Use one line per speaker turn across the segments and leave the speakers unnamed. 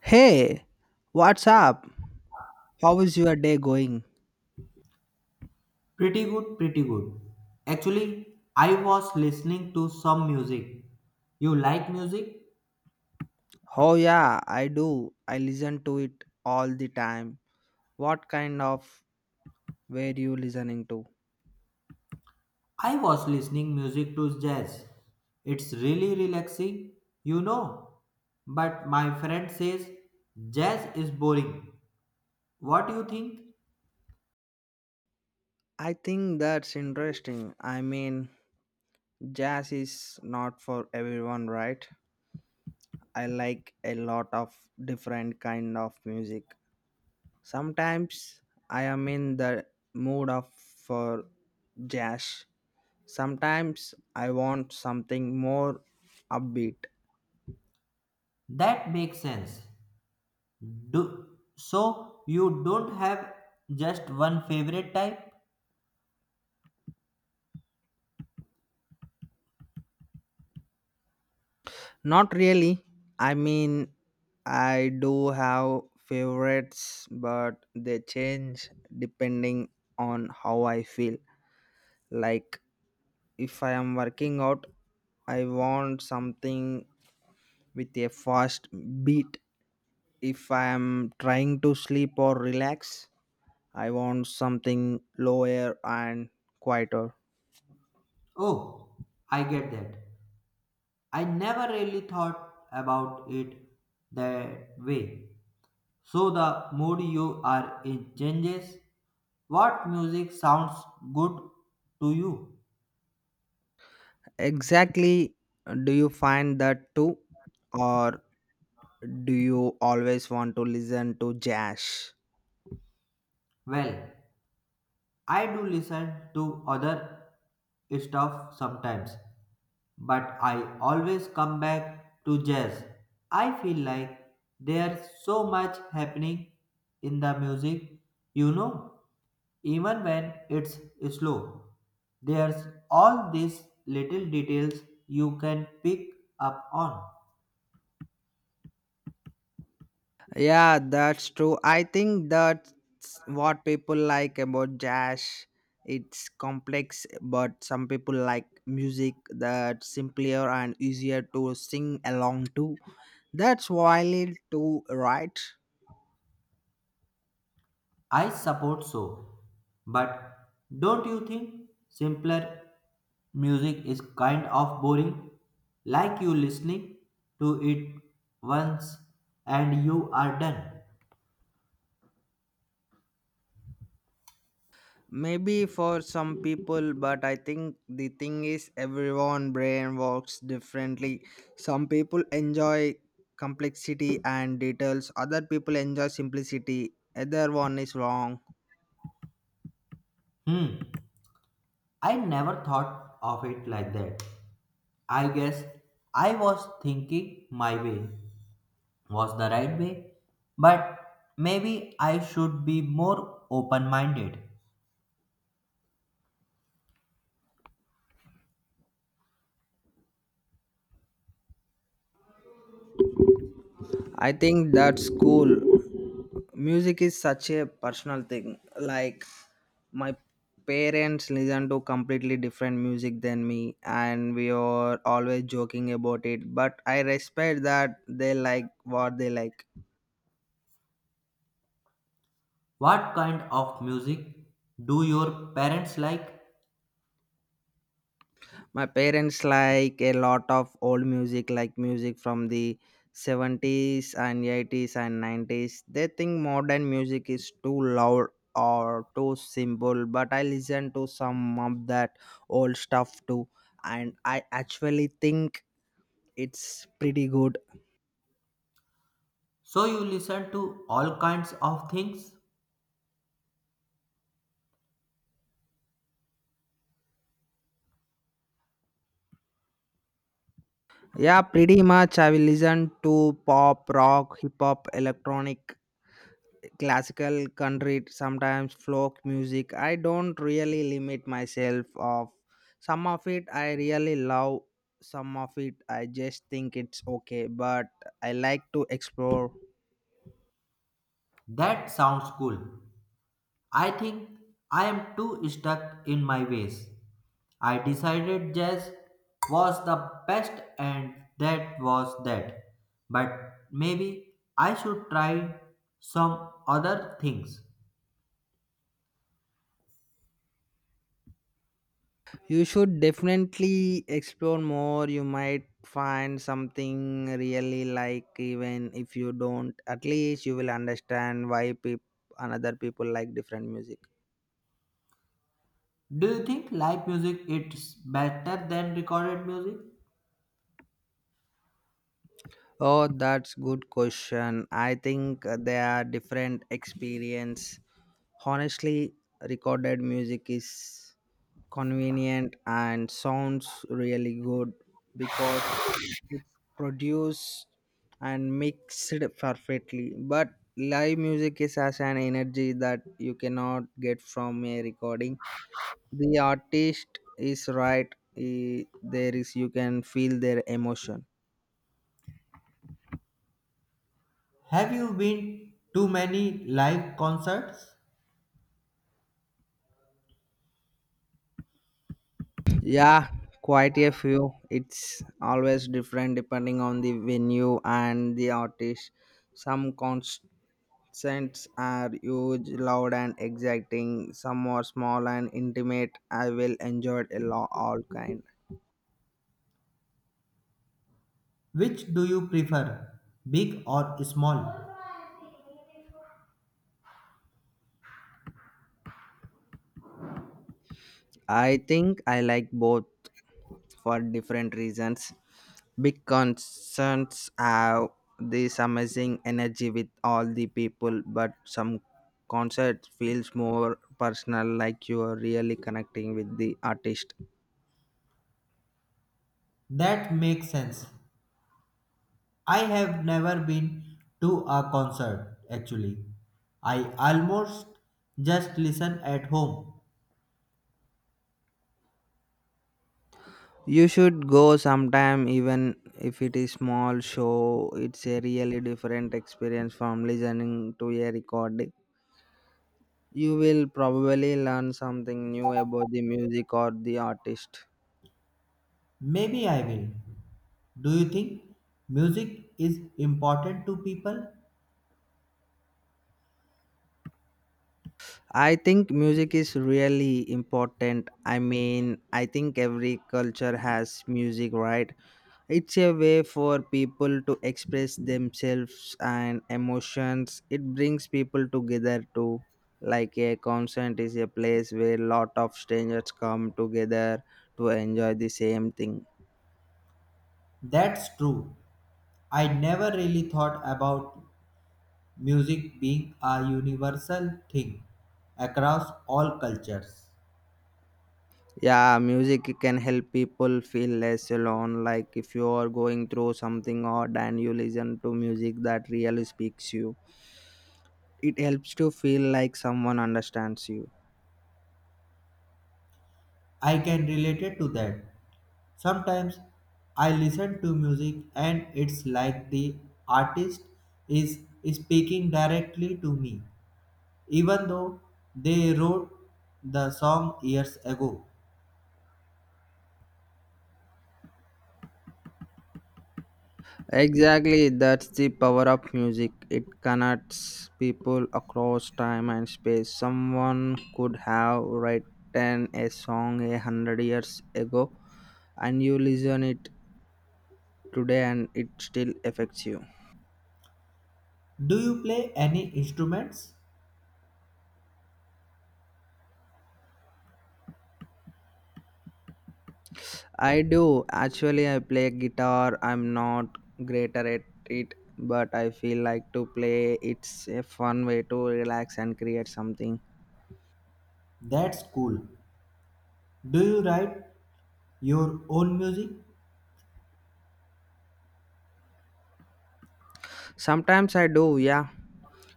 Hey, what's up? How is your day going?
Pretty good, pretty good. Actually, I was listening to some music. You like music?
Oh, yeah, I do. I listen to it all the time. What kind of were you listening to?
I was listening music to jazz. It's really relaxing, you know. But my friend says jazz is boring. What do you think?
I think that's interesting. I mean, jazz is not for everyone, right? I like a lot of different kind of music. Sometimes I am in the mood of for jazz. Sometimes I want something more upbeat.
That makes sense. Do so you don't have just one favorite type?
Not really. I mean, I do have favorites, but they change depending on how I feel. Like, if I am working out, I want something with a fast beat. If I am trying to sleep or relax, I want something lower and quieter.
Oh, I get that. I never really thought about it that way. So the mood you are in changes. What music sounds good to you?
Exactly, do you find that too? Or do you always want to listen to jazz?
Well, I do listen to other stuff sometimes, but I always come back to jazz. I feel like there's so much happening in the music, you know, even when it's slow. There's all these little details you can pick up on.
Yeah, that's true. I think that's what people like about jazz. It's complex, but some people like music that's simpler and easier to sing along to. That's wild too, right?
I support so, but don't you think simpler music is kind of boring? Like you listening to it once and you are done.
Maybe for some people, but I think the thing is everyone brain works differently. Some people enjoy complexity and details, other people enjoy simplicity. Either one is wrong.
Hmm, I never thought of it like that. I guess I was thinking my way was the right way, but maybe I should be more open minded.
I think that's cool. Music is such a personal thing. Like my parents listen to completely different music than me and we are always joking about it, but I respect that they like what they like.
What kind of music do your parents like?
My parents like a lot of old music, like music from the 70s and 80s and 90s. They think modern music is too loud or too simple, but I listen to some of that old stuff too, and I actually think it's pretty good.
So you listen to all kinds of things?
Yeah, pretty much. I will listen to pop, rock, hip hop, electronic, classical, country, sometimes folk music. I don't really limit myself of some of it. I really love some of it. I just think it's okay, but I like to explore.
That sounds cool. I think I am too stuck in my ways. I decided jazz was the best and that was that. But maybe I should try some other things.
You should definitely explore more. You might find something really like, even if you don't, at least you will understand why people another people like different music.
Do you think live music is better than recorded music?
Oh, that's good question. I think they are different experience. Honestly, recorded music is convenient and sounds really good because it's produced and mixed perfectly. But live music is as an energy that you cannot get from a recording. The artist is right. There is you can feel their emotion.
Have you been to many live concerts?
Yeah, quite a few. It's always different depending on the venue and the artist. Some cons Scents are huge, loud, and exciting. Some are small and intimate. I will enjoy all kind.
Which do you prefer, big or small?
I think I like both for different reasons. Big concerts have this amazing energy with all the people, but some concert feels more personal, like you are really connecting with the artist.
That makes sense. I have never been to a concert actually. I almost just listen at home.
You should go sometime, even if it is small show. It's a really different experience from listening to a recording. You will probably learn something new about the music or the artist.
Maybe I will. Do you think music is important to people?
I think music is really important. I mean, I think every culture has music, right? It's a way for people to express themselves and emotions. It brings people together too. Like a concert is a place where lot of strangers come together to enjoy the same thing.
That's true. I never really thought about music being a universal thing across all cultures.
Yeah, music can help people feel less alone. Like if you are going through something odd and you listen to music that really speaks you, it helps to feel like someone understands you.
I can relate it to that. Sometimes I listen to music and it's like the artist is speaking directly to me, even though they wrote the song years ago.
Exactly, that's the power of music. It connects people across time and space. Someone could have written a song 100 years ago, and you listen it today, and it still affects you.
Do you play any instruments?
I do actually. I play guitar. I'm not greater at it, but I feel like to play. It's a fun way to relax and create something.
That's cool. Do you write your own music?
Sometimes I do, yeah.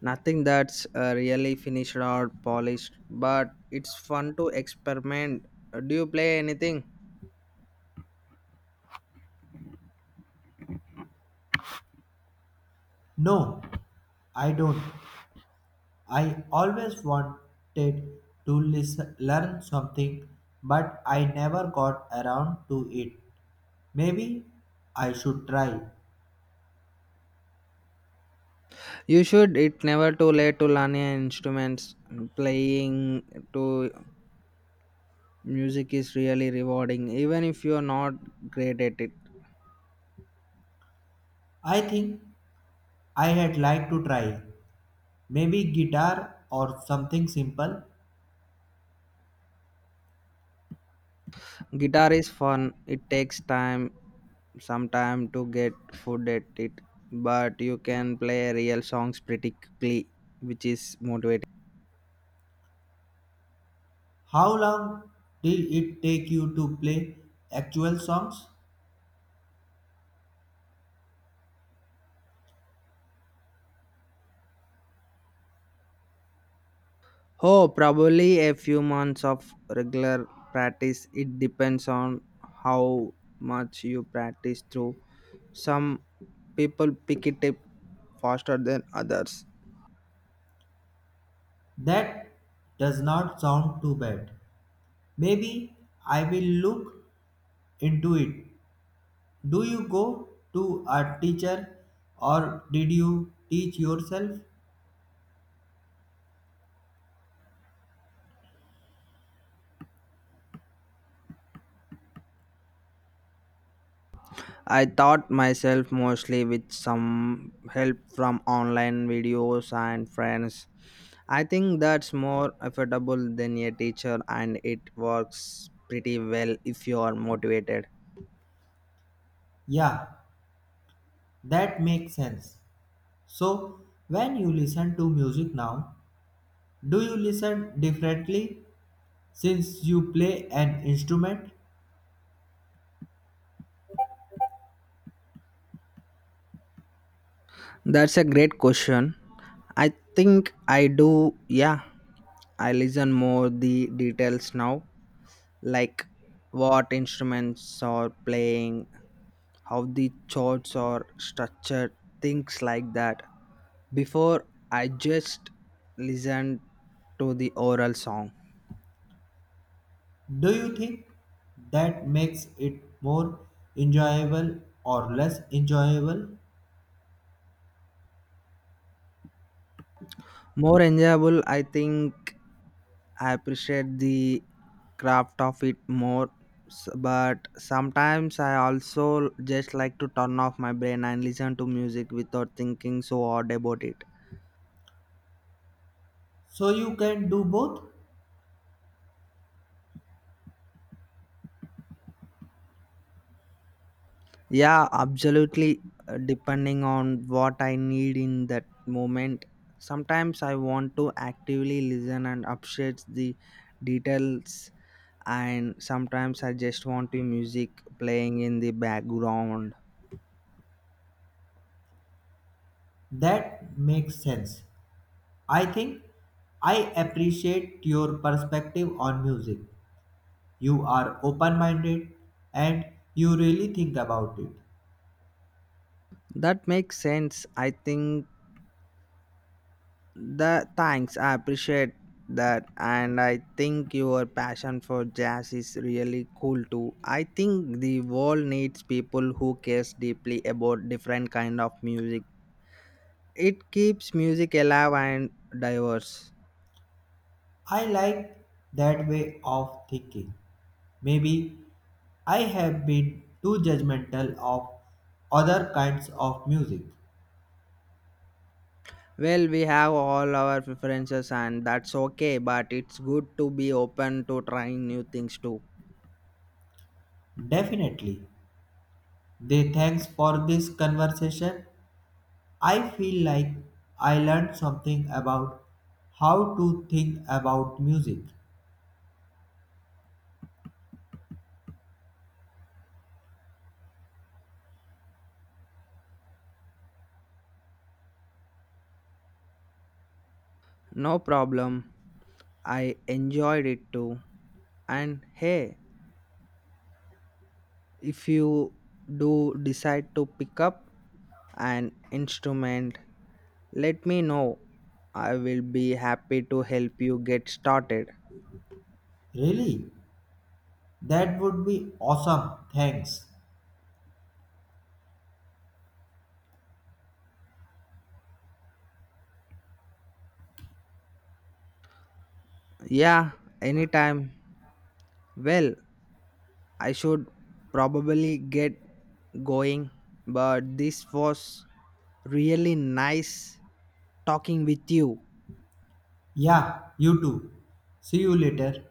Nothing that's really finished or polished, but it's fun to experiment. Do you play anything?
No, I don't. I always wanted to listen, learn something, but I never got around to it. Maybe I should try.
You should. It's never too late to learn an instruments. Playing to music is really rewarding, even if you're not great at it.
I think I had like to try. Maybe guitar or something simple.
Guitar is fun. It takes time, some time to get good at it, but you can play real songs pretty quickly, which is motivating.
How long did it take you to play actual songs?
Oh, probably a few months of regular practice. It depends on how much you practice through. Some people pick it up faster than others.
That does not sound too bad. Maybe I will look into it. Do you go to a teacher or did you teach yourself?
I taught myself mostly with some help from online videos and friends. I think that's more affordable than a teacher and it works pretty well if you are motivated.
Yeah, that makes sense. So, when you listen to music now, do you listen differently since you play an instrument?
That's a great question. I think I do, yeah. I listen more the details now, like what instruments are playing, how the chords are structured, things like that. Before I just listened to the oral song.
Do you think that makes it more enjoyable or less enjoyable?
More enjoyable, I think I appreciate the craft of it more, but sometimes I also just like to turn off my brain and listen to music without thinking so hard about it.
So you can do both?
Yeah, absolutely. Depending on what I need in that moment, sometimes I want to actively listen and appreciate the details, and sometimes I just want the music playing in the background.
That makes sense. I think I appreciate your perspective on music. You are open minded and you really think about it.
That makes sense. I think the thanks, I appreciate that, and I think your passion for jazz is really cool too. I think the world needs people who cares deeply about different kind of music. It keeps music alive and diverse.
I like that way of thinking. Maybe I have been too judgmental of other kinds of music.
Well, we have all our preferences, and that's okay. But it's good to be open to trying new things too.
Definitely. They thanks for this conversation. I feel like I learned something about how to think about music.
No problem. I enjoyed it too. And hey, if you do decide to pick up an instrument, let me know. I will be happy to help you get started.
Really? That would be awesome. Thanks.
Yeah, anytime. Well, I should probably get going, but this was really nice talking with you.
Yeah, you too. See you later.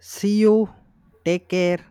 See you. Take care.